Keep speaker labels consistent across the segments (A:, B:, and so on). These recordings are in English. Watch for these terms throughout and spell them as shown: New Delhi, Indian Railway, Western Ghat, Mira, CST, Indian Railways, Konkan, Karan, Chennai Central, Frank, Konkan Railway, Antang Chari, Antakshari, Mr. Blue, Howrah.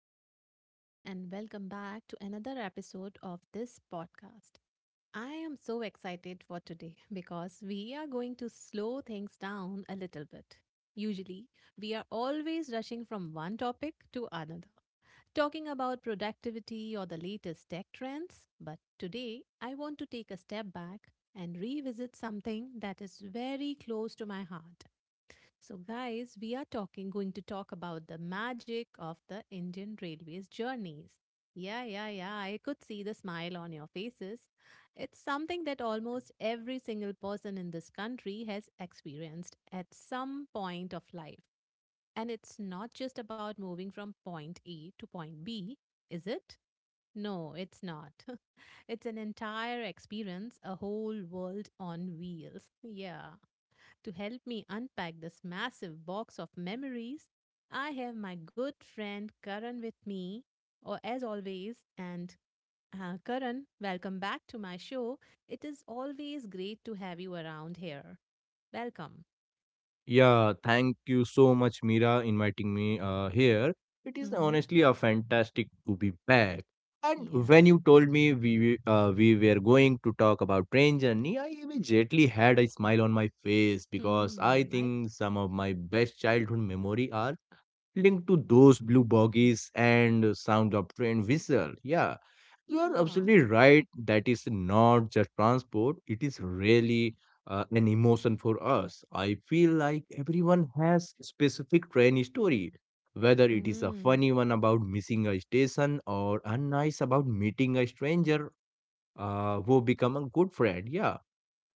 A: Hello, everyone, and welcome back to another episode of this podcast. I am so excited for today because we are going to slow things down a little bit. Usually, we are always rushing from one topic to another, talking about productivity or the latest tech trends. But today, I want to take a step back and revisit something that is very close to my heart so, guys, we are talking going to talk about the magic of the Indian Railways journeys. Yeah, yeah, yeah. I could see the smile on your faces. It's something that almost every single person in this country has experienced at some point of life. And it's not just about moving from point A to point B, is it? No, it's not. It's an entire experience, a whole world on wheels. Yeah. To help me unpack this massive box of memories, I have my good friend Karan with me, or as always, and Karan, welcome back to my show. It is always great to have you around here. Welcome.
B: Yeah, thank you so much, Mira, inviting me here. It is
A: Mm-hmm.
B: honestly a fantastic to be back. And
A: Yeah.
B: when you told me we were going to talk about train journey, I immediately had a smile on my face because I
A: Hmm. I
B: think some of my best childhood memory are linked to those blue buggies and sound of train whistle. Yeah, you are
A: Yeah.
B: absolutely right that is not just transport, it is really an emotion for us. I feel like everyone has a specific train story, whether it is a
A: Hmm.
B: funny one about missing a station or a nice about meeting a stranger who become a good friend. Yeah,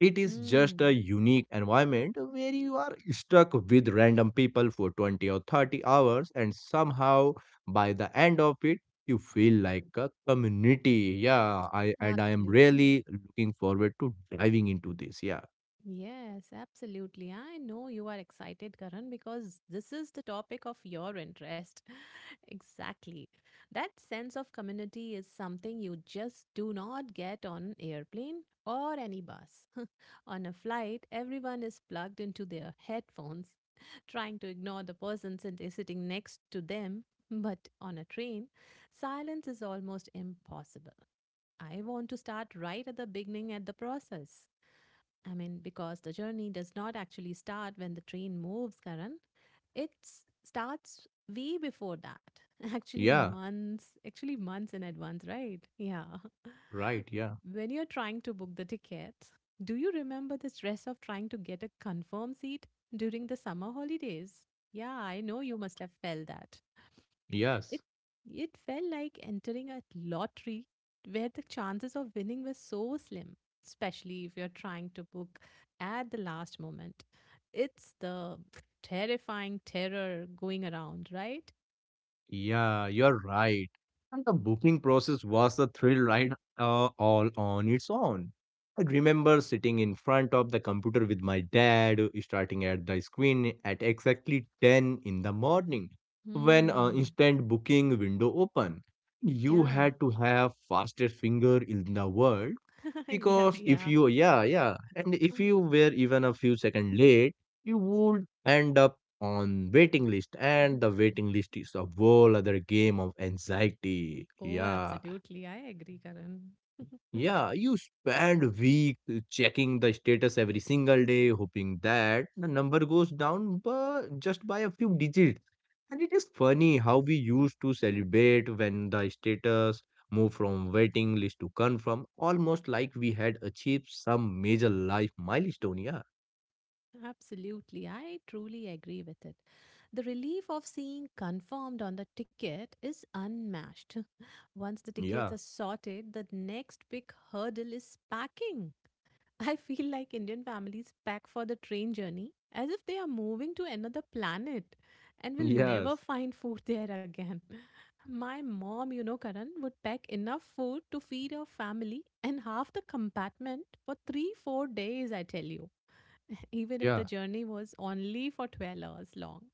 B: it is just a
A: Hmm.
B: unique environment where you are stuck with random people for 20 or 30 hours, and somehow by the end of it, you feel like a community. Yeah, I and I am
A: Absolutely.
B: really looking forward to diving into this. Yeah,
A: Yes, absolutely. I know you are excited, Karan, because this is the topic of your interest. Exactly. That sense of community is something you just do not get on airplane or any bus. On a flight, everyone is plugged into their headphones, trying to ignore the person sitting next to them. But on a train, silence is almost impossible. I want to start right at the beginning at the process. I mean, because the journey does not actually start when the train moves, Karan. It starts way before that,
B: yeah,
A: actually, months in advance, right? Yeah.
B: right. Yeah,
A: When you're trying to book the tickets, do you remember the stress of trying to get a confirmed seat during the summer holidays? Yeah, I know you must have felt that. It
B: yes.
A: it felt like entering a lottery where the chances of winning were so slim, especially if you're trying to book at the last moment. It's the terrifying terror going around, right?
B: Yeah, you're right. And the booking process was a thrill ride all on its own. I remember sitting in front of the computer with my dad, starting at the screen at exactly 10 in the morning when an
A: Hmm.
B: instant booking window opened. You
A: Yeah.
B: had to have fastest finger in the world
A: Yeah,
B: because if
A: yeah.
B: you yeah yeah and if you were even a few seconds late, you would end up on waiting list, and the waiting list is a whole other game of anxiety.
A: Oh,
B: Yeah,
A: absolutely. I agree, Karan.
B: yeah, you spend weeks checking the status every single day, hoping that the number goes down but just by a few digits. And it is funny how we used to celebrate when the status moved from waiting list to confirm, almost like we had achieved some major life milestone. Yeah,
A: Absolutely. I truly agree with it. The relief of seeing confirmed on the ticket is unmatched. Once the tickets
B: yeah,
A: are sorted, the next big hurdle is packing. I feel like Indian families pack for the train journey as if they are moving to another planet and will never
B: yes,
A: find food there again. My mom, you know, Karan, would pack enough food to feed her family and half the compartment for 3, 4 days, I tell you, even if the
B: yeah,
A: journey was only for 12 hours long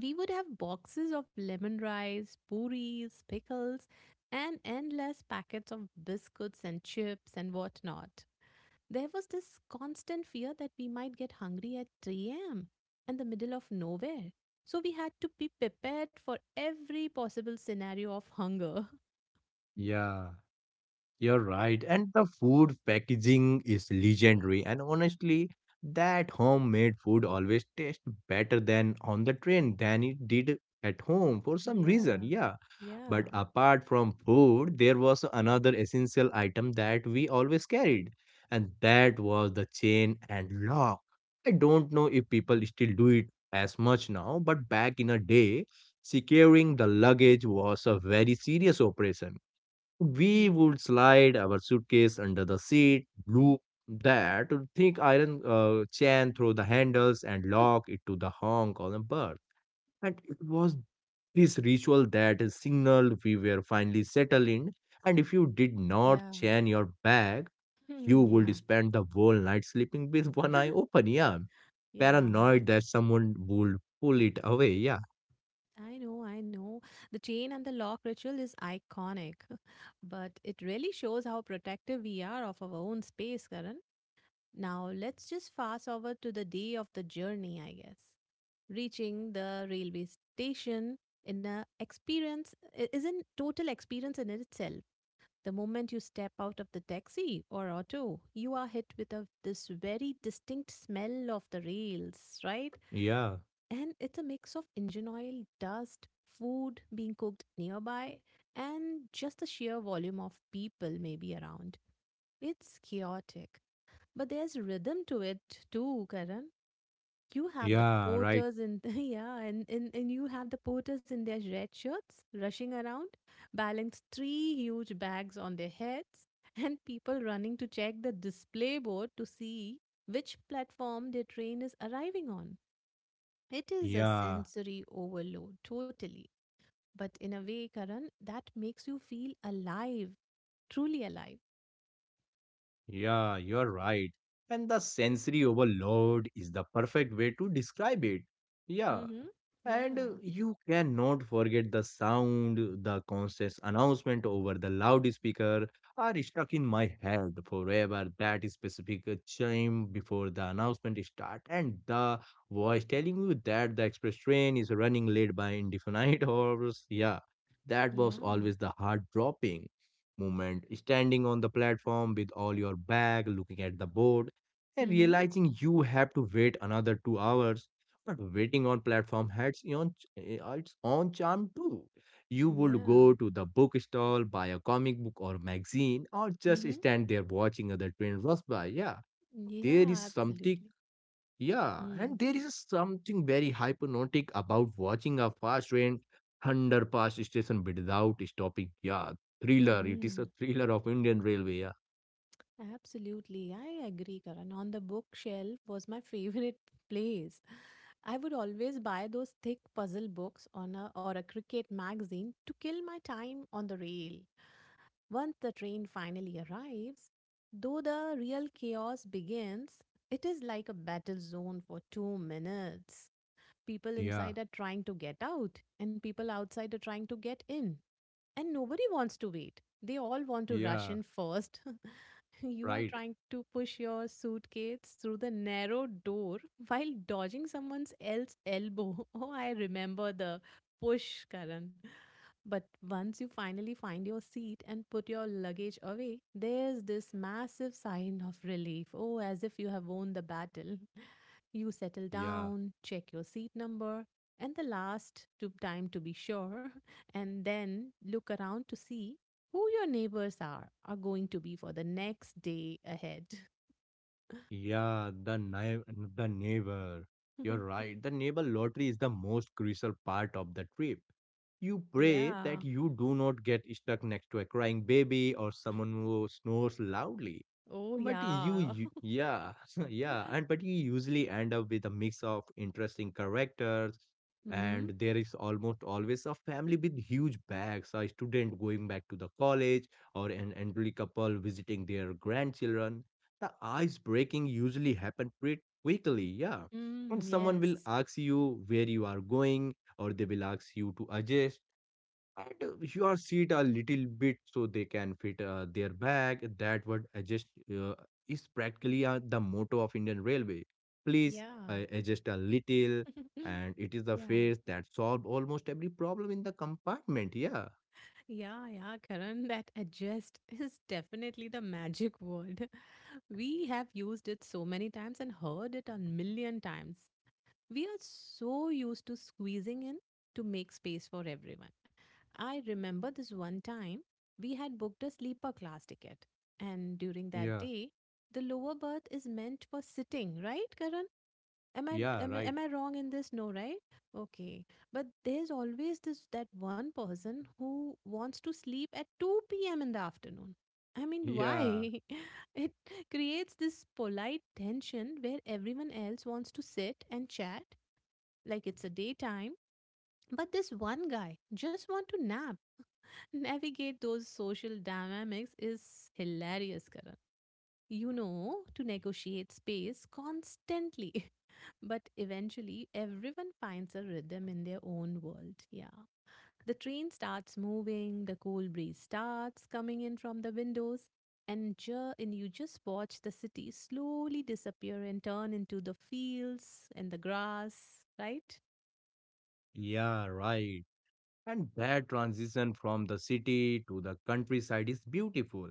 A: we would have boxes of lemon rice, puris, pickles, and endless packets of biscuits and chips and whatnot. There was this constant fear that we might get hungry at 3 a.m. and the middle of nowhere. So we had to be prepared for every possible scenario of hunger.
B: yeah. You're right. And the food packaging is legendary. And honestly, that homemade food always tastes better than on the train than it did at home for some reason.
A: Yeah,
B: Yeah.
A: yeah,
B: But apart from food, there was another essential item that we always carried, and that was the chain and lock. I don't know if people still do it as much now, but back in a day, securing the luggage was a very serious operation. We
A: yeah,
B: would slide our suitcase under the seat, loop that thick iron chain through the handles, and lock it to the Hong Kong berth. And it was this ritual that signaled we were finally settled in. And if you did not
A: yeah,
B: chain your bag, you would
A: yeah,
B: spend the whole night sleeping with one eye open. Yeah,
A: yeah.
B: paranoid that someone would pull it away. Yeah,
A: I know, I know. The chain and the lock ritual is iconic, but it really shows how protective we are of our own space, Karan. Now, let's just fast over to the day of the journey, I guess. Reaching the railway station in a experience I- is an total experience in itself. The moment you step out of the taxi or auto, you are hit with this very distinct smell of the rails, right?
B: yeah,
A: And it's a mix of engine oil, dust, food being cooked nearby, and just the sheer volume of people maybe around. It's chaotic, but there's rhythm to it too, Karan. You have the
B: yeah, right.
A: porters in yeah, and you have the porters in their red shirts rushing around, balance 3 huge bags on their heads, and people running to check the display board to see which platform their train is arriving on. It is a
B: Yeah.
A: sensory overload, totally. But in a way, Karan, that makes you feel alive, truly alive.
B: Yeah, you're right. And the sensory overload is the perfect way to describe it. Yeah,
A: Mm-hmm.
B: and
A: Yeah.
B: you cannot forget the sound, the constant announcement over the loudspeaker are stuck in my head forever. That specific chime before the announcement start and the voice telling you that the express train is running late by indefinite hours. Yeah, that was
A: Yeah.
B: always the heart dropping moment. Standing on the platform with all your bag, looking at the board and
A: Mm-hmm.
B: realizing you have to wait another 2 hours, but waiting on platform had its own its own charm too. You would
A: Yeah.
B: go to the bookstall, buy a comic book or magazine, or just
A: Mm-hmm.
B: stand there watching other train rush by. Yeah, there is
A: Yeah,
B: something.
A: absolutely.
B: Yeah, and
A: Mm.
B: there is something very hypnotic about watching a fast train thunder past station without stopping. Yeah, thriller. It is a
A: Mm.
B: thriller of Indian Railway. Yeah.
A: Absolutely, I agree, Karan. On the bookshelf was my favorite place. I would always buy those thick puzzle books on a, or a cricket magazine to kill my time on the rail. Once the train finally arrives, though the real chaos begins, it is like a battle zone for 2 minutes. People
B: Yeah,
A: inside are trying to get out, and people outside are trying to get in. And nobody wants to wait. They all want to rush
B: yeah,
A: in first. You are
B: right.
A: trying to push your suitcase through the narrow door while dodging someone's else elbow. Oh, I remember the push, Karan. But once you finally find your seat and put your luggage away, there's this massive sign of relief. Oh, as if you have won the battle. You settle
B: Yeah.
A: down, check your seat number, and the last to time to be sure, and then look around to see who your neighbors are going to be for the next day ahead.
B: Yeah, the neighbor. You're right. The neighbor lottery is the most crucial part of the trip. You pray
A: Yeah.
B: that you do not get stuck next to a crying baby or someone who snores loudly.
A: Oh,
B: But you,
A: yeah.
B: you yeah, yeah, and but you usually end up with a mix of interesting characters,
A: Mm-hmm.
B: and there is almost always a family with huge bags, a student going back to the college, or an elderly couple visiting their grandchildren. The ice breaking usually happen pretty quickly, yeah. And
A: Mm,
B: someone will
A: yes.
B: ask you where you are going, or they will ask you to adjust and your seat a little bit so they can fit their bag. That would adjust uh, is practically the motto of indian railway. Please
A: Yeah.
B: adjust a little, and it is the
A: Yeah.
B: face that solve almost every problem in the compartment. Yeah,
A: Yeah. Yeah. Karan, that adjust is definitely the magic word. We have used it so many times and heard it a million times. We are so used to squeezing in to make space for everyone. I remember this one time we had booked a sleeper class ticket, and during that
B: yeah,
A: day, the lower berth is meant for sitting, right, Karan? Am I,
B: yeah,
A: am I
B: right,
A: am I wrong in this? No, right? Okay. But there's always this that one person who wants to sleep at 2 p.m. in the afternoon. I mean,
B: yeah,
A: why? It creates this polite tension where everyone else wants to sit and chat like it's a daytime. But this one guy just want to nap. Navigate those social dynamics is hilarious, Karan. You know to negotiate space constantly, but eventually everyone finds a rhythm in their own world. Yeah. The train starts moving, the cool breeze starts coming in from the windows, and, and you just watch the city slowly disappear and turn into the fields and the grass, right?
B: yeah, right. And that transition from the city to the countryside is beautiful.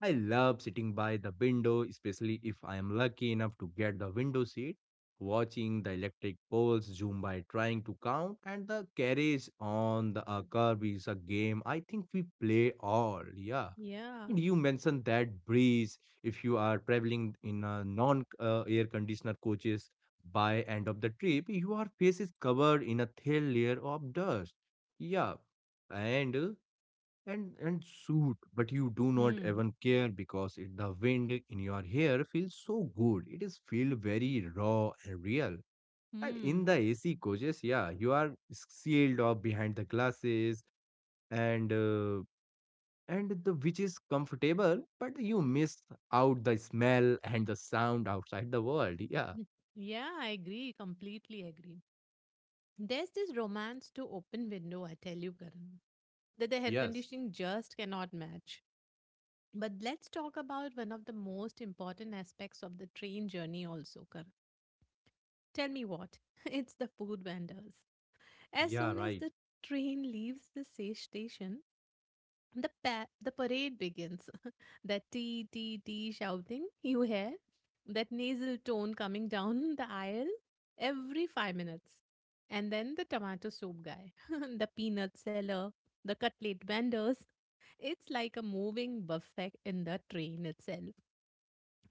B: I love sitting by the window, especially if I am lucky enough to get the window seat, watching the electric poles zoom by trying to count, and the carriage on the curb is a game I think we play all, yeah.
A: Yeah.
B: And you mentioned that breeze. If you are traveling in a non-air conditioner coaches, by end of the trip, your face is covered in a thin layer of dust. Yeah, and uh, and suit, but you do not
A: Hmm.
B: even care because it, the wind in your hair feels so good. It is feel very raw and real. And in
A: Hmm.
B: the AC coaches, yeah, you are sealed up behind the glasses. And. And the which is comfortable, but you
A: Hmm?
B: miss out the smell and the sound outside the world. Yeah,
A: Y- Yeah, I agree. Completely agree. There's this romance to open window, I tell you, Karan, that the air
B: yes.
A: conditioning just cannot match. But let's talk about one of the most important aspects of the train journey, also, Karan. Tell me what? It's the food vendors. As
B: Yeah,
A: soon as
B: right.
A: the train leaves the station, the the parade begins. That tee tee tee shouting you hear, that nasal tone coming down the aisle every 5 minutes, and then the tomato soup guy, the peanut seller, the cutlet vendors. It's like a moving buffet in the train itself.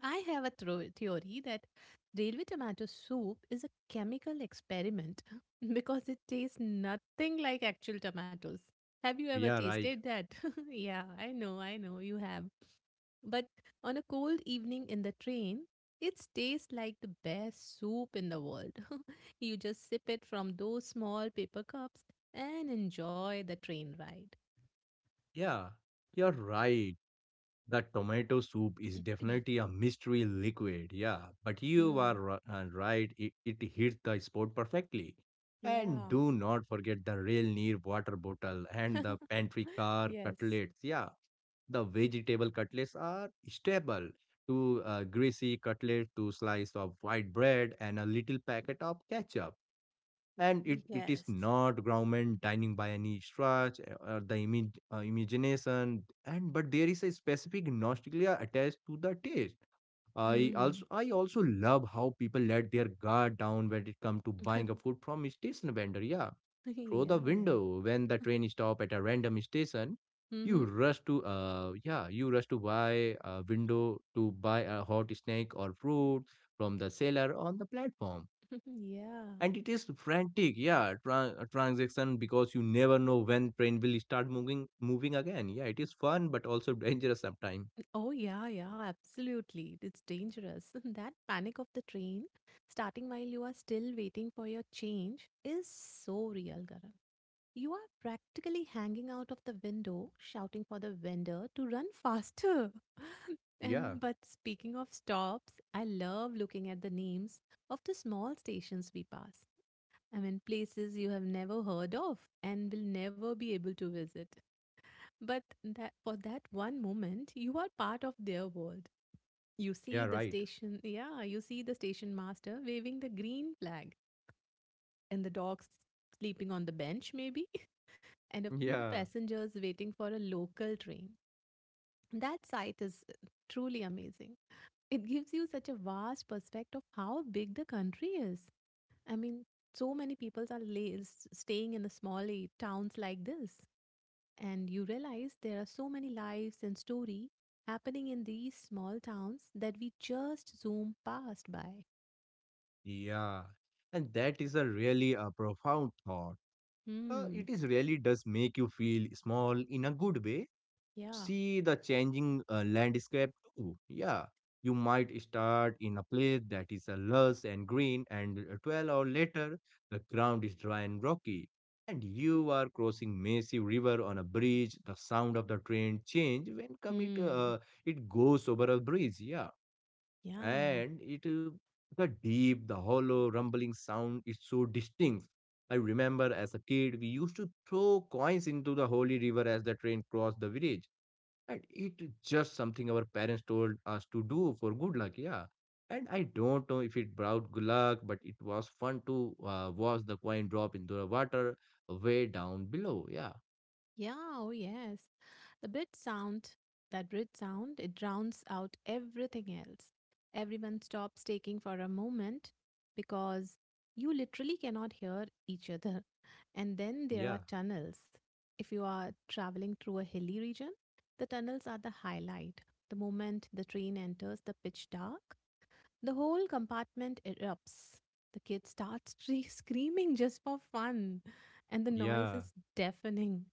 A: I have a theory that railway tomato soup is a chemical experiment because it tastes nothing like actual tomatoes. Have you ever
B: Yeah, right.
A: tasted that? Yeah, I know you have. But on a cold evening in the train, it tastes like the best soup in the world. You just sip it from those small paper cups and enjoy the train ride.
B: Yeah, you're right. The tomato soup is definitely a mystery liquid. Yeah, but you are
A: Hmm.
B: right. It hits the spot perfectly. And
A: Yeah.
B: do not forget the real near water bottle and the pantry car
A: Yes.
B: cutlets. Yeah, the vegetable cutlets are staple to a greasy cutlet to slice of white bread and a little packet of ketchup. And it is
A: Yes.
B: not government dining by any stretch or the imagination. And but there is a specific nostalgia attached to the taste.
A: Hmm.
B: I also love how people let their guard down when it comes to buying a food from a station vendor. Yeah, through
A: Yeah,
B: the
A: yeah.
B: window when the train stop at a random station,
A: Mm-hmm.
B: you rush to buy a hot snack or fruit from the seller on the platform,
A: Yeah.
B: and it is frantic, yeah, transaction, because you never know when train will start moving again. Yeah, it is fun but also dangerous sometimes.
A: Oh, yeah, yeah, absolutely. It's dangerous. That panic of the train, starting while you are still waiting for your change, is so real, Karan. You are practically hanging out of the window, shouting for the vendor to run faster.
B: Yeah,
A: But speaking of stops, I love looking at the names of the small stations we pass. I mean, places you have never heard of and will never be able to visit. But that for that one moment, you are part of their world. You
B: yeah,
A: see the
B: right,
A: station, yeah, you see the station master waving the green flag and the dogs sleeping on the bench, maybe, and a few
B: yeah,
A: passengers waiting for a local train. That sight is truly amazing. It gives you such a vast perspective of how big the country is. I mean, so many people are staying in the small towns like this. And you realize there are so many lives and story happening in these small towns that we just zoom past by.
B: yeah, and that is a really a profound thought.
A: Hmm.
B: It is really does make you feel small in a good way.
A: Yeah.
B: See the changing landscape too. Yeah, you might start in a place that is lush and green, and 12 hours later, the ground is dry and rocky. And you are crossing massive river on a bridge. The sound of the train change when come
A: Hmm.
B: it goes over a bridge. Yeah,
A: Yeah.
B: and it the deep, the hollow, rumbling sound is so distinct. I remember as a kid, we used to throw coins into the holy river as the train crossed the bridge, and it just something our parents told us to do for good luck, yeah. And I don't know if it brought good luck, but it was fun to watch the coin drop into the water way down below. Yeah,
A: Yeah. Oh, yes. The bridge sound, that bridge sound, it drowns out everything else. Everyone stops taking for a moment because you literally cannot hear each other. And then there
B: yeah,
A: are tunnels. If you are traveling through a hilly region, the tunnels are the highlight. The moment the train enters the pitch dark, the whole compartment erupts. The kid starts screaming just for fun, and the noise
B: yeah,
A: is deafening.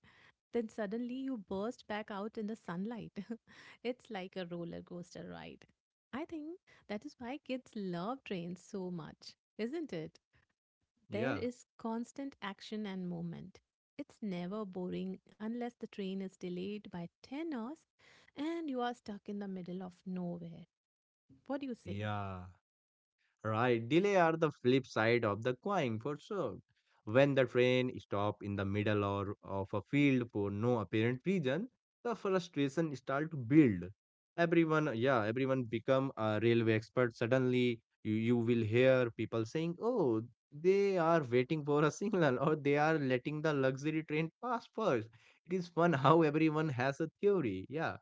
A: Then suddenly you burst back out in the sunlight. It's like a roller coaster ride. I think that is why kids love trains so much, isn't it? There
B: yeah.
A: is constant action and movement. It's never boring unless the train is delayed by 10 hours and you are stuck in the middle of nowhere. What do you say?
B: Yeah. Right, delay are the flip side of the coin for sure. When the train stop in the middle or of a field for no apparent reason, the frustration start to build. Everyone, yeah, everyone become a railway expert. Suddenly, you will hear people saying, "Oh, they are waiting for a signal, or they are letting the luxury train pass first." It is fun how everyone has a theory. Yeah.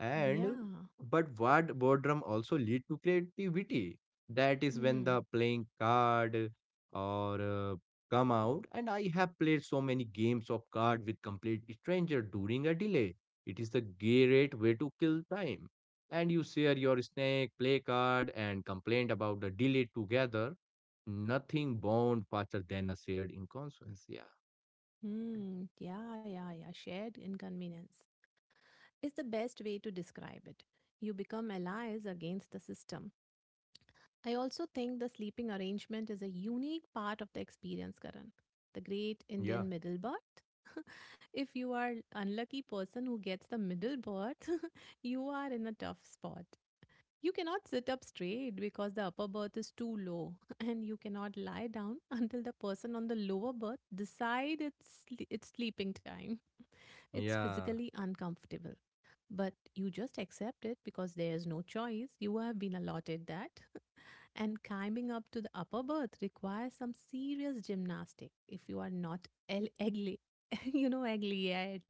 B: And
A: Yeah.
B: but what boredom also lead to creativity. That is when
A: Mm,
B: the playing card or come out. And I have played so many games of card with complete stranger during a delay. It is the great way to kill time. And you share your snack, play card, and complain about the delay together. Nothing bound faster than a shared inconsequence. Yeah,
A: yeah, yeah, yeah. Shared inconvenience is the best way to describe it. You become allies against the system. I also think the sleeping arrangement is a unique part of the experience, Karan. The great
B: yeah,
A: Indian middle birth. If you are unlucky person who gets the middle birth, you are in a tough spot. You cannot sit up straight because the upper berth is too low, and you cannot lie down until the person on the lower berth decide it's sleeping time. It's
B: yeah,
A: physically uncomfortable, but you just accept it because there is no choice. You have been allotted that. And climbing up to the upper berth requires some serious gymnastic if you are not elderly. You know, elderly yet.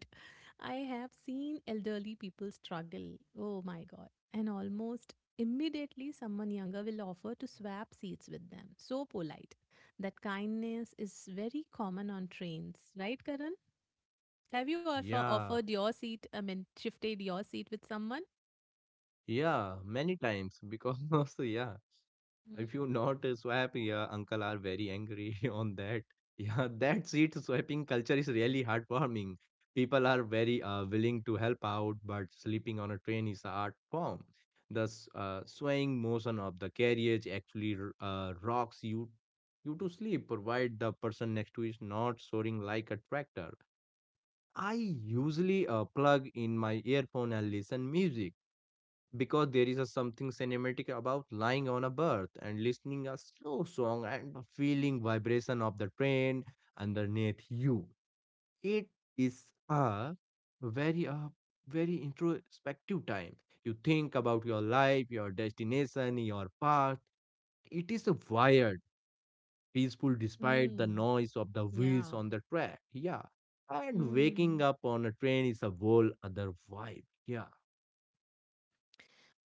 A: I have seen elderly people struggle. Oh my God. And almost immediately, someone younger will offer to swap seats with them. So polite. That kindness is very common on trains, right, Karan? Have you
B: yeah.
A: offered your seat, I mean, shifted your seat with someone?
B: Yeah, many times because yeah, if you not swipe, yeah, uncle are very angry on that. Yeah, that seat swiping culture is really heartwarming. People are very willing to help out, but sleeping on a train is a art form. The swaying motion of the carriage actually rocks you to sleep, provided the person next to is not soaring like a tractor. I usually plug in my earphone and listen music, because there is a something cinematic about lying on a berth and listening a slow song and the feeling vibration of the train underneath you. It is a very introspective time. You think about your life, your destination, your path. It is a wired peaceful despite the
A: Hmm.
B: noise of the wheels
A: Yeah.
B: on the track, yeah. And
A: Hmm.
B: waking up on a train is a whole other vibe, yeah.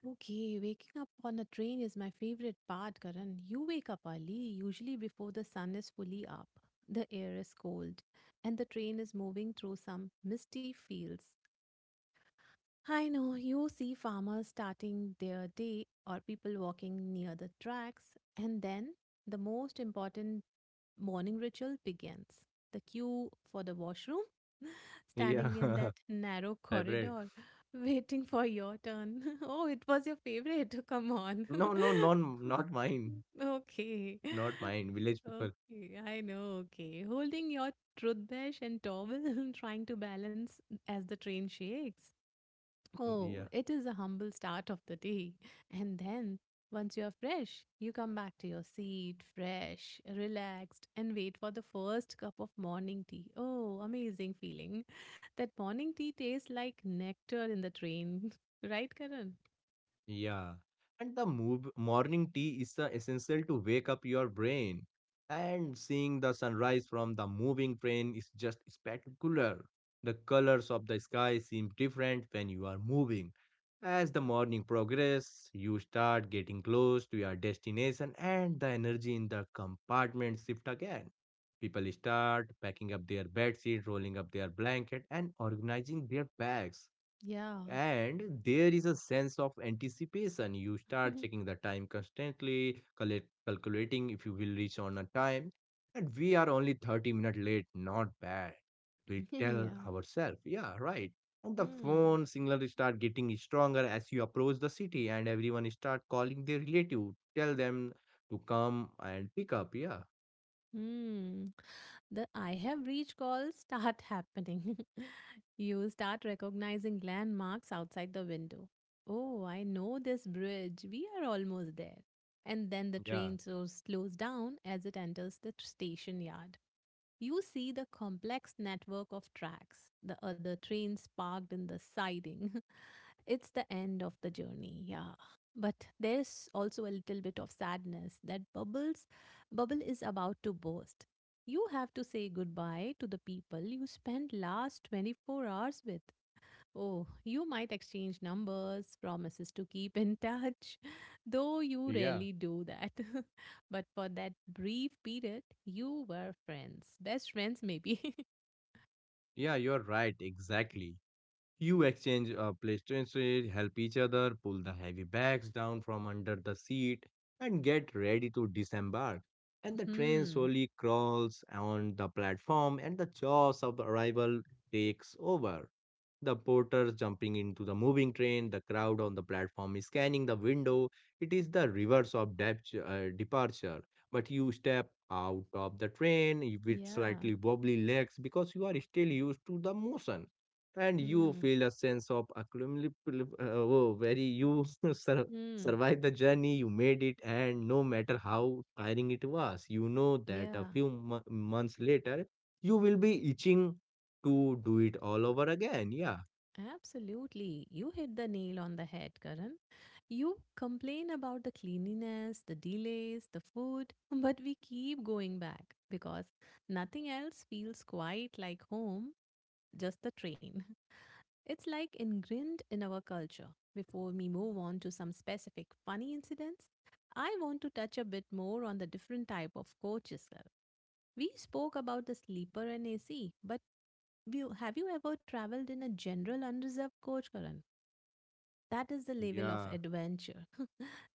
A: Okay, waking up on a train is my favorite part, Karan. You wake up early, usually before the sun is fully up. The air is cold, and the train is moving through some misty fields. I know you see farmers starting their day or people walking near the tracks, and then the most important morning ritual begins. The queue for the washroom, standing in
B: Yeah,
A: that narrow
B: favorite.
A: corridor, waiting for your turn. Oh, it was your favorite. Come on.
B: No, no, non, not mine,
A: Okay.
B: not mine. Village people.
A: Okay, I know. Okay. Holding your toothbrush and towel, trying to balance as the train shakes.
B: Mm,
A: Oh,
B: yeah.
A: it is a humble start of the day. And then, once you are fresh, you come back to your seat, fresh, relaxed, and wait for the first cup of morning tea. Oh, amazing feeling. That morning tea tastes like nectar in the train. Right, Karan?
B: Yeah. And the morning tea is the essential to wake up your brain. And seeing the sunrise from the moving train is just spectacular. The colors of the sky seem different when you are moving. As the morning progresses, you start getting close to your destination and the energy in the compartment shift again. People start packing up their bedsheet, rolling up their blanket, and organizing their bags,
A: Yeah.
B: and there is a sense of anticipation. You start checking the time constantly, calculating if you will reach on a time. And we are only 30 minutes late, not bad, we tell
A: Yeah.
B: ourselves. Yeah, right. And the
A: Hmm.
B: phone signal start getting stronger as you approach the city, and everyone start calling their relative, tell them to come and pick up. Yeah,
A: Hmm. The I have reached calls start happening. You start recognizing landmarks outside the window. Oh, I know this bridge. We are almost there. And then the
B: yeah,
A: train so slows down as it enters the station yard. You see the complex network of tracks, the other trains parked in the siding. It's the end of the journey, yeah. But there's also a little bit of sadness that bubble is about to burst. You have to say goodbye to the people you spent last 24 hours with. Oh, you might exchange numbers, promises to keep in touch, though you
B: yeah,
A: rarely do that. But for that brief period, you were friends, best friends, maybe.
B: yeah, you're right, exactly. You exchange PlayStation, help each other, pull the heavy bags down from under the seat, and get ready to disembark. And the train
A: Hmm.
B: slowly crawls on the platform, and the chaos of arrival takes over. The porters jumping into the moving train, the crowd on the platform is scanning the window. It is the reverse of departure. But you step out of the train with
A: Yeah.
B: slightly wobbly legs because you are still used to the motion, and you
A: Hmm.
B: feel a sense of accumulative, oh, very you sur-
A: Hmm.
B: survived the journey, you made it, and no matter how tiring it was, you know that a
A: Yeah.
B: few months later you will be itching to do it all over again, yeah,
A: Absolutely. You hit the nail on the head, Karan. You complain about the cleanliness, the delays, the food, but we keep going back because nothing else feels quite like home, just the train. It's like ingrained in our culture. Before we move on to some specific funny incidents, I want to touch a bit more on the different type of coaches. We spoke about the sleeper and AC, but have you ever traveled in a general unreserved coach, Karan? That is the level of
B: yeah.
A: adventure.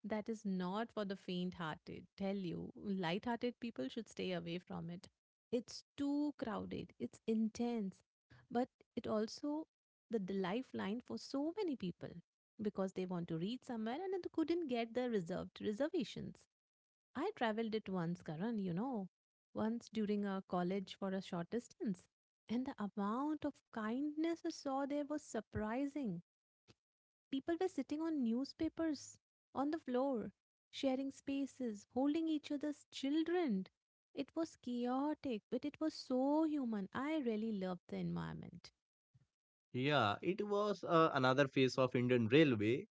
A: That is not for the faint hearted. Tell you, light hearted people should stay away from it. It's too crowded, it's intense, but it also the lifeline for so many people because they want to reach somewhere and they couldn't get the reserved reservations. I traveled it once, Karan, you know, once during our college for a short distance. And the amount of kindness I saw there was surprising. People were sitting on newspapers, on the floor, sharing spaces, holding each other's children. It was chaotic, but it was so human. I really loved the environment.
B: Yeah, it was another phase of Indian Railway.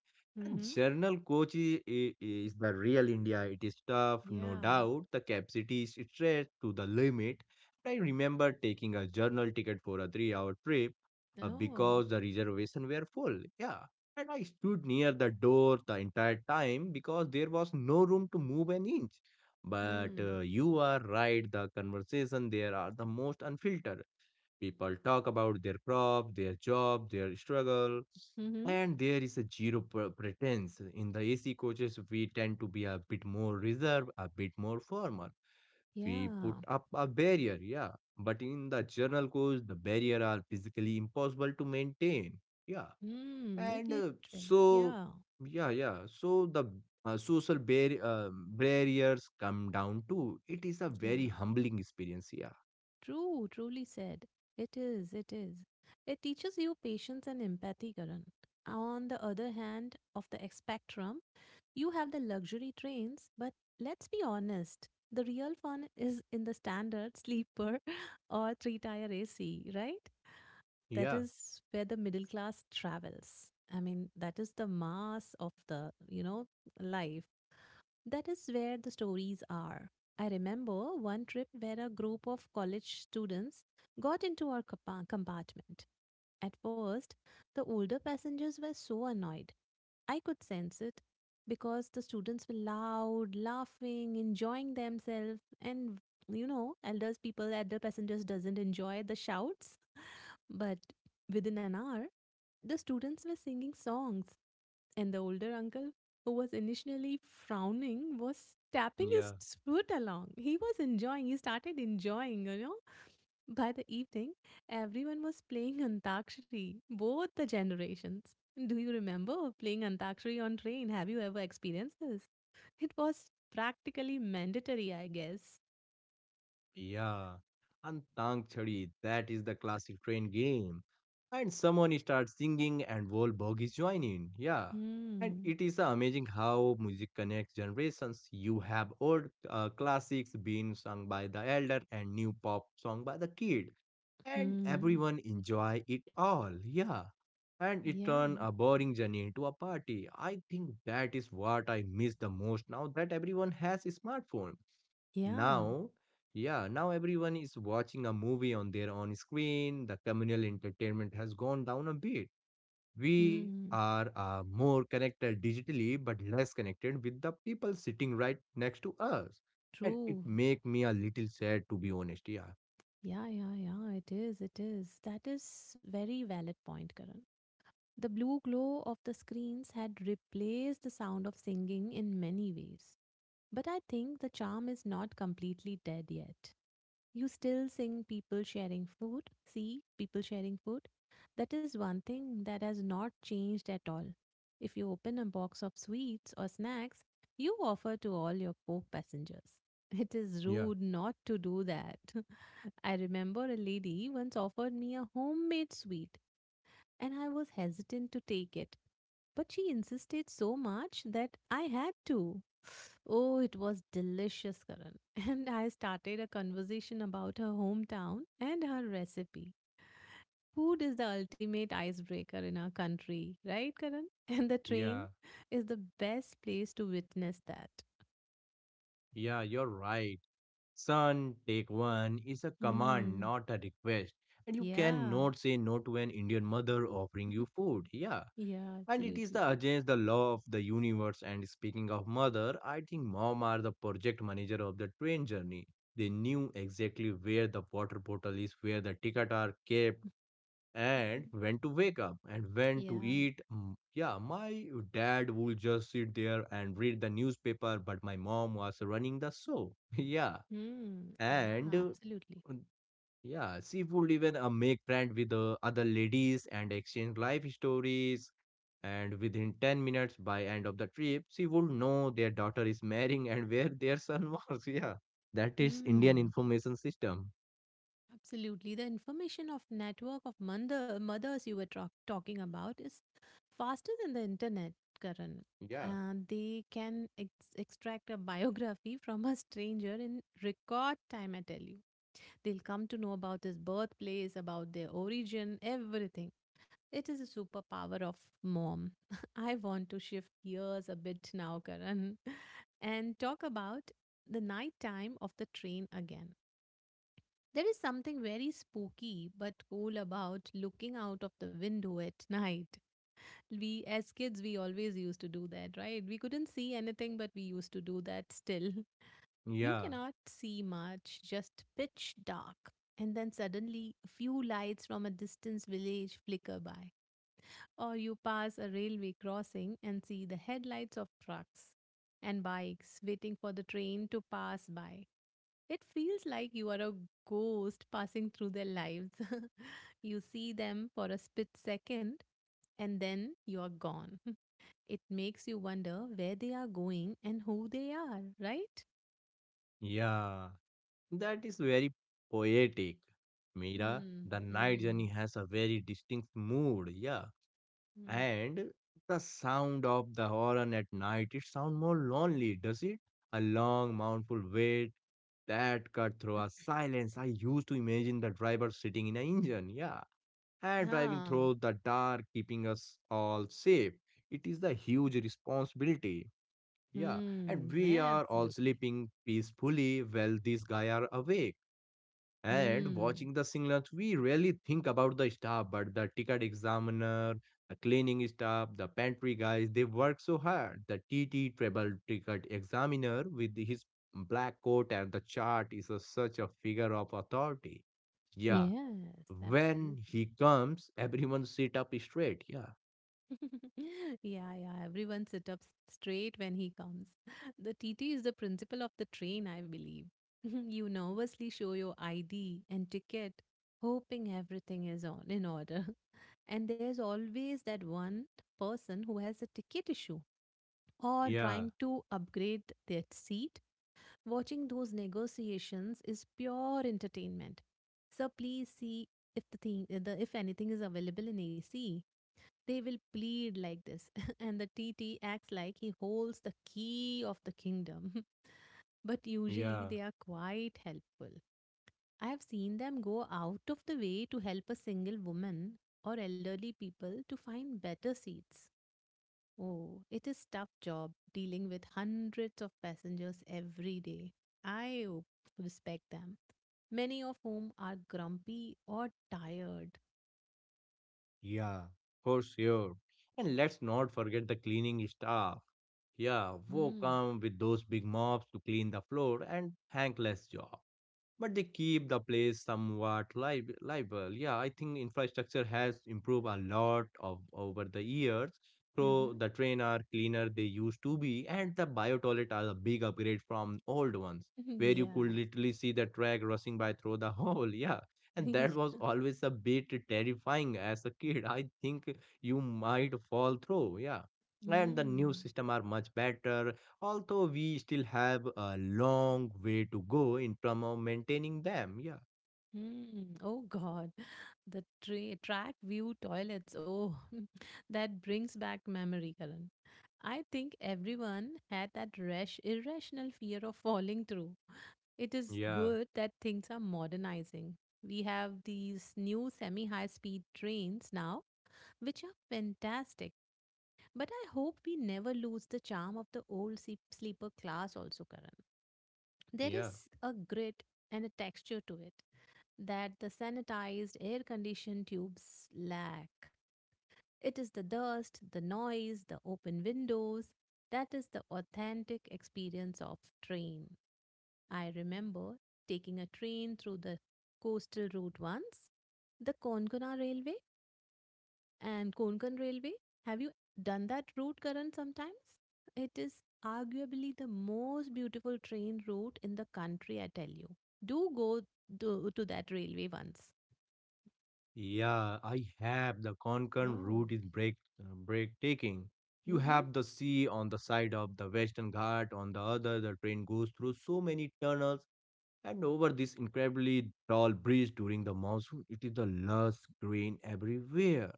B: And
A: Mm-hmm.
B: Journal coach is the real India. It is tough, no
A: Yeah.
B: doubt. The capacity is stretched to the limit. I remember taking a journal ticket for a 3-hour trip
A: Oh.
B: because the reservation were full. Yeah, and I stood near the door the entire time because there was no room to move an inch. But
A: Hmm.
B: you are right. The conversation there are the most unfiltered. People talk about their crop, their job, their struggle,
A: Mm-hmm.
B: and there is a zero pretense. In the AC coaches, we tend to be a bit more reserved, a bit more formal. We put
A: Yeah.
B: up a barrier, yeah. But in the journal course, the barrier are physically impossible to maintain, yeah.
A: Hmm. It,
B: And
A: it really. Yeah.
B: yeah, yeah, so the barriers come down too. It is a
A: Yeah.
B: very humbling experience, yeah,
A: True. Truly said. It is. It is. It teaches you patience and empathy, Karan. On the other hand of the spectrum, you have the luxury trains, but let's be honest. The real fun is in the standard sleeper or three tire AC, right? That
B: yeah,
A: is where the middle class travels. I mean, that is the mass of the, you know, life. That is where the stories are. I remember one trip where a group of college students got into our compartment. At first, the older passengers were so annoyed. I could sense it because the students were loud, laughing, enjoying themselves, and you know, elders people, elder passengers doesn't enjoy the shouts. But within an hour, the students were singing songs, and the older uncle, who was initially frowning, was tapping his
B: yeah.
A: foot along. He was enjoying. He started enjoying, you know, by the evening, everyone was playing Antakshari, both the generations. Do you remember playing Antakshari on train? Have you ever experienced this? It was practically mandatory, I guess.
B: Yeah, and Antang Chari, that is the classic train game. And someone starts singing and whole bogies join in. Yeah. And
A: Hmm.
B: it is amazing how music connects generations. You have old classics being sung by the elder and new pop song by the kid. And
A: Hmm.
B: everyone enjoy it all. Yeah. And it
A: Yeah.
B: turn a boring journey into a party. I think that is what I miss the most now that everyone has a smartphone
A: Yeah.
B: now, yeah, now everyone is watching a movie on their own screen. The communal entertainment has gone down a bit. We
A: Hmm.
B: are more connected digitally, but less connected with the people sitting right next to us. And it
A: True.
B: make me a little sad, to be honest. Yeah,
A: Yeah, yeah, yeah. It is. It is. That is very valid point, Karan. The blue glow of the screens had replaced the sound of singing in many ways. But I think the charm is not completely dead yet. You still sing people sharing food, see people sharing food. That is one thing that has not changed at all. If you open a box of sweets or snacks, you offer to all your co passengers. It is
B: yeah,
A: rude not to do that. I remember a lady once offered me a homemade sweet and I was hesitant to take it. But she insisted so much that I had to. Oh, it was delicious, Karan. And I started a conversation about her hometown and her recipe. Food is the ultimate icebreaker in our country, right, Karan? And the train
B: yeah,
A: is the best place to witness that.
B: yeah, you're right. Son, take one is a command,
A: Hmm.
B: not a request. And you
A: Yeah.
B: cannot say no to an Indian mother offering you food. Yeah,
A: Yeah,
B: and it is
A: absolutely.
B: the against the law of the universe. And speaking of mother, I think mom are the project manager of the train journey. They knew exactly where the water bottle is, where the ticket are kept,
A: Mhm.
B: and when to wake up and when to
A: Yeah.
B: eat. Mm, yeah. My dad would just sit there and read the newspaper, but my mom was running the show yeah.
A: Hmm.
B: And
A: Yeah, absolutely.
B: yeah, she would even make friends with the other ladies and exchange life stories. And within 10 minutes by end of the trip, she would know their daughter is marrying and where their son was. Yeah, that is Indian
A: Hmm.
B: information system.
A: Absolutely. The information of network of mothers you were talking about is faster than the internet, Karan.
B: Yeah,
A: And they can extract a biography from a stranger in record time, I tell you. They'll come to know about his birthplace, about their origin, everything. It is a superpower of mom. I want to shift gears a bit now, Karan, and talk about the night time of the train again. There is something very spooky but cool about looking out of the window at night. We, as kids, we always used to do that, right? We couldn't see anything, but we used to do that still. You
B: yeah,
A: cannot see much, just pitch dark. And then suddenly, a few lights from a distant village flicker by. Or you pass a railway crossing and see the headlights of trucks and bikes waiting for the train to pass by. It feels like you are a ghost passing through their lives. You see them for a split second and then you are gone. It makes you wonder where they are going and who they are, right?
B: yeah. That is very poetic. Mira, the
A: Hmm.
B: night
A: Hmm.
B: journey has a very distinct mood. Yeah.
A: Hmm.
B: And the sound of the horn at night, it sound more lonely, does it? A long, mournful wait that cut through a silence. I used to imagine the driver sitting in an engine, yeah, and driving
A: Yeah.
B: through the dark, keeping us all safe. It is the huge responsibility, yeah.
A: Hmm.
B: And we
A: Yeah,
B: are all
A: absolutely.
B: sleeping peacefully while these guys are awake. And
A: Hmm.
B: watching the signals, we really think about the staff, but the ticket examiner, the cleaning staff, the pantry guys, they work so hard. The TT travel ticket examiner with his black coat and the chart is a, such a figure of authority. Yeah.
A: Yes,
B: When
A: absolutely.
B: he comes, everyone sit up straight. Yeah.
A: Yeah, yeah. Everyone sit up straight when he comes. The TT is the principle of the train, I believe. You nervously show your ID and ticket, hoping everything is on in order. And there's always that one person who has a ticket issue or
B: Yeah.
A: trying to upgrade their seat. Watching those negotiations is pure entertainment. So please see if the thing the if anything is available in AC, they will plead like this, and the TT acts like he holds the key of the kingdom. But usually
B: Yeah.
A: they are quite helpful. I have seen them go out of the way to help a single woman or elderly people to find better seats. Oh, it is tough job dealing with hundreds of passengers every day. I respect them, many of whom are grumpy or tired.
B: Yeah, for sure. And let's not forget the cleaning staff. Yeah, who
A: Hmm.
B: come with those big mops to clean the floor, and thankless job, but they keep the place somewhat live livable. Yeah, I think infrastructure has improved a lot of over the years.
A: Mm-hmm.
B: So the train are cleaner they used to be, and the bio toilet are a big upgrade from old ones, where you could literally see the track rushing by through the hole. Yeah. And
A: Yeah.
B: that was always a bit terrifying as a kid. I think you might fall through, yeah. And the new
A: Mm.
B: system are much better. Although we still have a long way to go in terms of maintaining them. Yeah,
A: Mm. Oh God, the track view toilets. Oh, that brings back memory, Karan. I think everyone had that rash, irrational fear of falling through. It is
B: yeah,
A: good that things are modernizing. We have these new semi-high speed trains now, which are fantastic. But I hope we never lose the charm of the old sleeper class also, Karan. There
B: yeah,
A: is a grit and a texture to it, that the sanitized air conditioned tubes lack. It is the dust, the noise, the open windows that is the authentic experience of train. I remember taking a train through the coastal route once, the Konkona Railway and Konkan Railway. Have you done that route, Karan, sometimes? It is arguably the most beautiful train route in the country, I tell you. Do go to that railway once.
B: yeah. I have the Konkan
A: Oh.
B: route is break breathtaking. You
A: Mm-hmm.
B: have the sea on the side of the Western Ghat. On the other, the train goes through so many tunnels. And over this incredibly tall bridge during the monsoon, it is the lush green everywhere.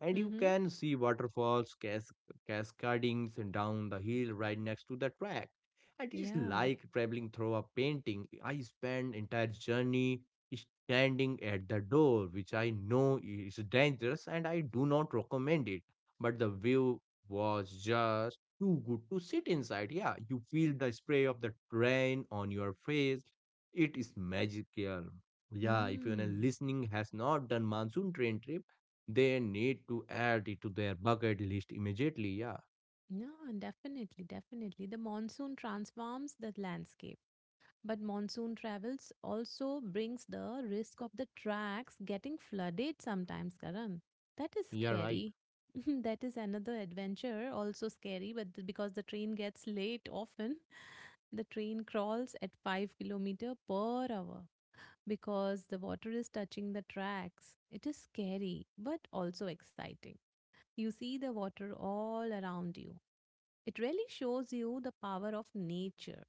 B: And you
A: Mm-hmm.
B: can see waterfalls cascading down the hill right next to the track. And it is
A: Yeah.
B: like traveling through a painting. I spent entire journey standing at the door, which I know is dangerous and I do not recommend it. But the view was just too good to sit inside. Yeah, you feel the spray of the rain on your face, it is magical. Yeah, if your
A: Hmm.
B: listening has not done monsoon train trip, they need to add it to their bucket list immediately. Yeah,
A: No, definitely, definitely. The monsoon transforms the landscape, but monsoon travels also brings the risk of the tracks getting flooded sometimes, Karan. That is
B: yeah, right.
A: scary. That is another adventure, also scary, because the train gets late often, the train crawls at 5 kilometer per hour because the water is touching the tracks. It is scary, but also exciting. You see the water all around you. It really shows you the power of nature.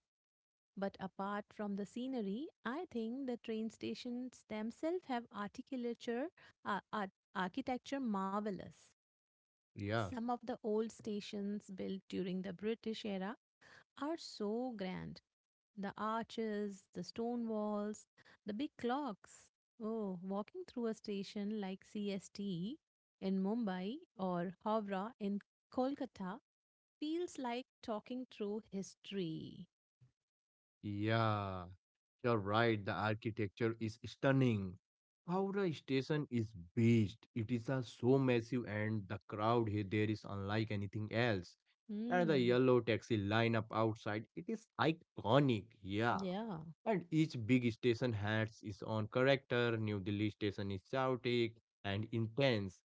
A: But apart from the scenery, I think the train stations themselves have architecture, architecture marvelous.
B: Yeah,
A: Some of the old stations built during the British era are so grand. The arches, the stone walls, the big clocks. Oh, walking through a station like CST in Mumbai or Howrah in Kolkata feels like talking through history.
B: yeah, you're right. The architecture is stunning. Howrah station is beast. It is so massive, and the crowd here there is unlike anything else. And the
A: Mm,
B: yellow taxi lineup outside, it is iconic. Yeah.
A: yeah.
B: And each big station has its own character. New Delhi station is chaotic and intense.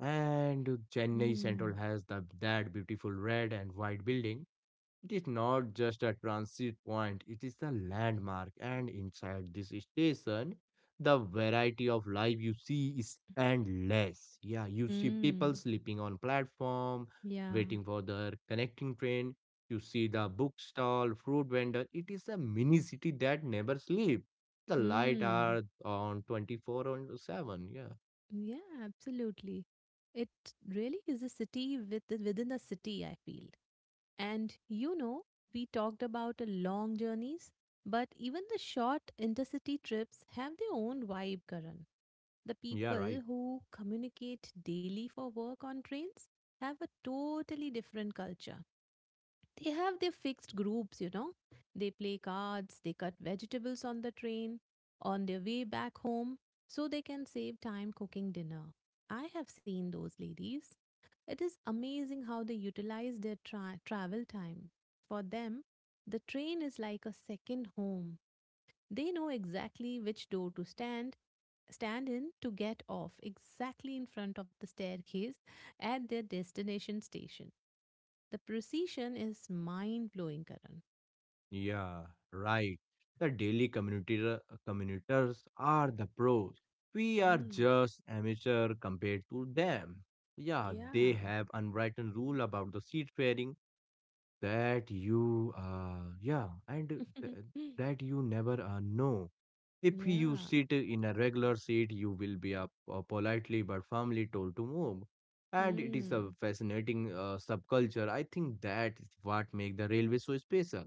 B: And Chennai Central
A: Mm,
B: has the, that beautiful red and white building, it is not just a transit point, it is a landmark. And inside this station, the variety of life you see is endless. Yeah, you see people
A: mm,
B: sleeping on platform,
A: yeah.
B: waiting for their connecting train. You see the book stall, fruit vendor. It is a mini city that never sleep. The light
A: Mm,
B: are on 24 on 7. Yeah,
A: yeah, absolutely. It really is a city within the city, I feel. And you know, we talked about long journeys, but even the short intercity trips have their own vibe, Karan. The
B: yeah, right.
A: people who communicate daily for work on trains have a totally different culture. They have their fixed groups, you know. They play cards, they cut vegetables on the train, on their way back home, so they can save time cooking dinner. I have seen those ladies. It is amazing how they utilize their travel time. For them, the train is like a second home. They know exactly which door to stand in to get off exactly in front of the staircase at their destination station. The precision is mind blowing, Karan.
B: Yeah, right. The daily commuters are the pros. We are
A: Mm,
B: just amateur compared to them. Yeah, they
A: yeah.
B: have unwritten rule about the seat pairing that you yeah and th- that you never know. If you
A: yeah.
B: sit in a regular seat, you will be up, politely but firmly told to move. And it is a
A: Mm,
B: fascinating subculture. I think that is what makes the railway so special.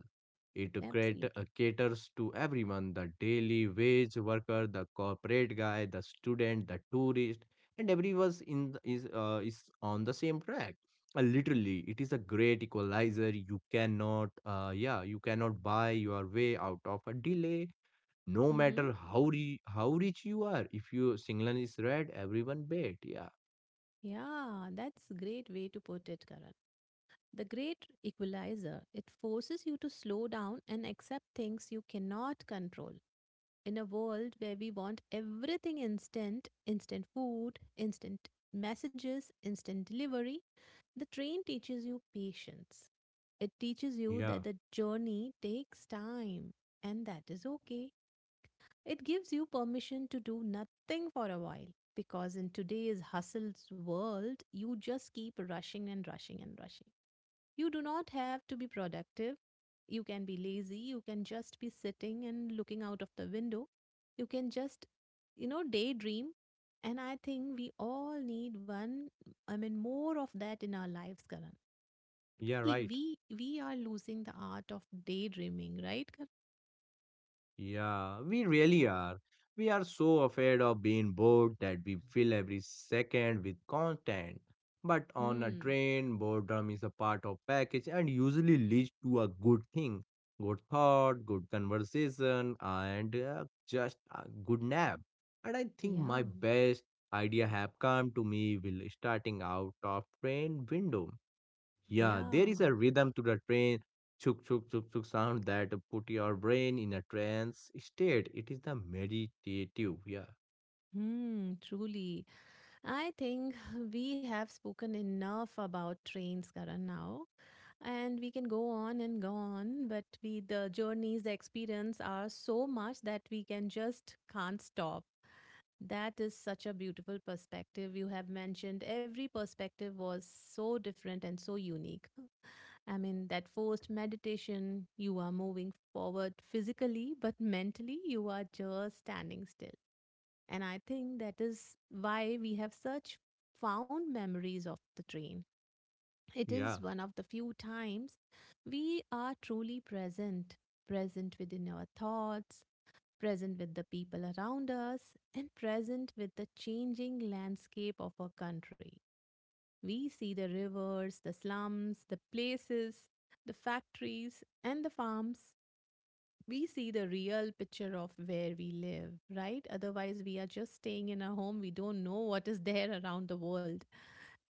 B: It
A: absolutely.
B: caters to everyone, the daily wage worker, the corporate guy, the student, the tourist, and everyone is on the same track. Literally, it is a great equalizer. You cannot buy your way out of a delay no
A: Mm-hmm.
B: matter how how rich you are. If your signal is red, everyone bet, yeah,
A: Yeah, that's a great way to put it, Karan. The great equalizer, it forces you to slow down and accept things you cannot control. In a world where we want everything instant, instant food, instant messages, instant delivery, the train teaches you patience. It teaches you
B: yeah,
A: that the journey takes time, and that is okay. It gives you permission to do nothing for a while because in today's hustle's world, you just keep rushing and rushing and rushing. You do not have to be productive. You can be lazy. You can just be sitting and looking out of the window. You can just, you know, daydream. And I think we all need more of that in our lives, Karan.
B: yeah,
A: E-
B: right.
A: We, we are losing the art of daydreaming, right, Karan?
B: Yeah, we really are. We are so afraid of being bored that we fill every second with content. But on a
A: Hmm.
B: train, boredom is a part of package and usually leads to a good thing, good thought, good conversation, and just a good nap. And I think my
A: Yeah.
B: best idea have come to me will starting out of train window. Yeah,
A: Yeah.
B: there is a rhythm to the train chuk chuk chuk chuk sound that put your brain in a trance state. It is the meditative. Yeah,
A: Hmm. Truly. I think we have spoken enough about trains, Karan, now. And we can go on and go on, but we, the journeys, the experience are so much that we can just can't stop. That is such a beautiful perspective you have mentioned. Every perspective was so different and so unique. I mean, that forced meditation, you are moving forward physically, but mentally you are just standing still. And I think that is why we have such found memories of the train. It is
B: yeah,
A: one of the few times we are truly present, present within our thoughts, present with the people around us, and present with the changing landscape of our country. We see the rivers, the slums, the places, the factories, and the farms. We see the real picture of where we live, right? Otherwise, we are just staying in our home. We don't know what is there around the world.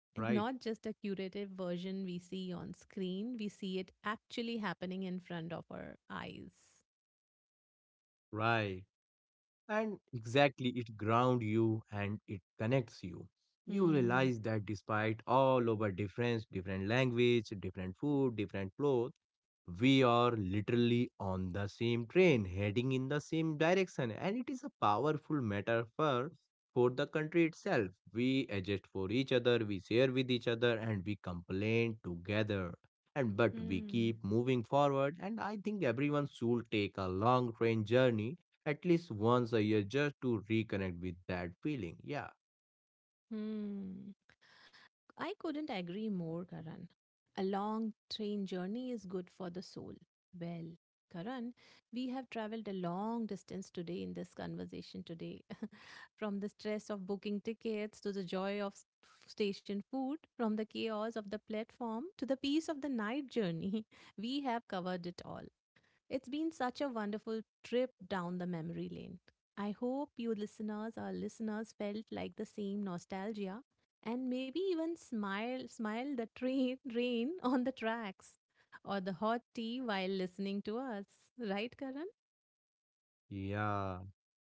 A: And
B: right,
A: not just a curative version we see on screen, we see it actually happening in front of our eyes.
B: right. And exactly it ground you and it connects you. You
A: Hmm.
B: realize that despite all our difference, different language, different food, different clothes, we are literally on the same train heading in the same direction, and it is a powerful metaphor for the country itself. We adjust for each other, we share with each other, and we complain together, and but we
A: Hmm.
B: keep moving forward. And I think everyone should take a long train journey at least once a year just to reconnect with that feeling. Yeah,
A: Hmm. I couldn't agree more, Karan. A long train journey is good for the soul. Well, Karan, we have traveled a long distance today in this conversation today. From the stress of booking tickets to the joy of station food, from the chaos of the platform to the peace of the night journey, we have covered it all. It's been such a wonderful trip down the memory lane. I hope you listeners or listeners felt like the same nostalgia and maybe even smile the train rain on the tracks or the hot tea while listening to us. Right, Karan?
B: yeah.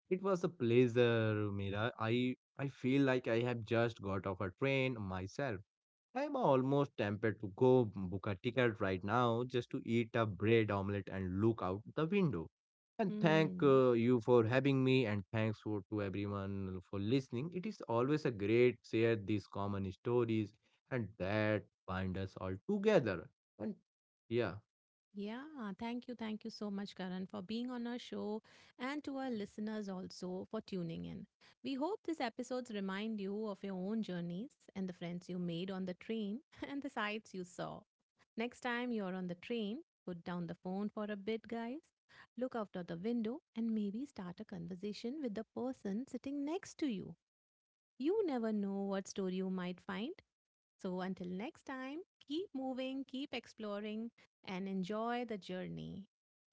B: It was a pleasure, Mira. I feel like I have just got off a train myself. I'm almost tempted to go book a ticket right now just to eat a bread omelette and look out the window. And thank
A: Hmm.
B: you for having me, and thanks to everyone for listening. It is always a great share these common stories and that bind us all together. And yeah.
A: Yeah, thank you. Thank you so much, Karan, for being on our show and to our listeners also for tuning in. We hope these episodes remind you of your own journeys and the friends you made on the train and the sights you saw. Next time you're on the train, put down the phone for a bit, guys. Look out of the window and maybe start a conversation with the person sitting next to you. You never know what story you might find. So until next time, keep moving, keep exploring, and enjoy the journey.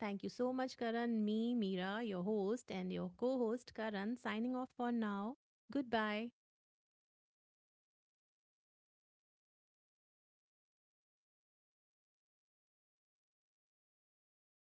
A: Thank you so much, Karan. Me, Meera, your host, and your co host, Karan, signing off for now. Goodbye.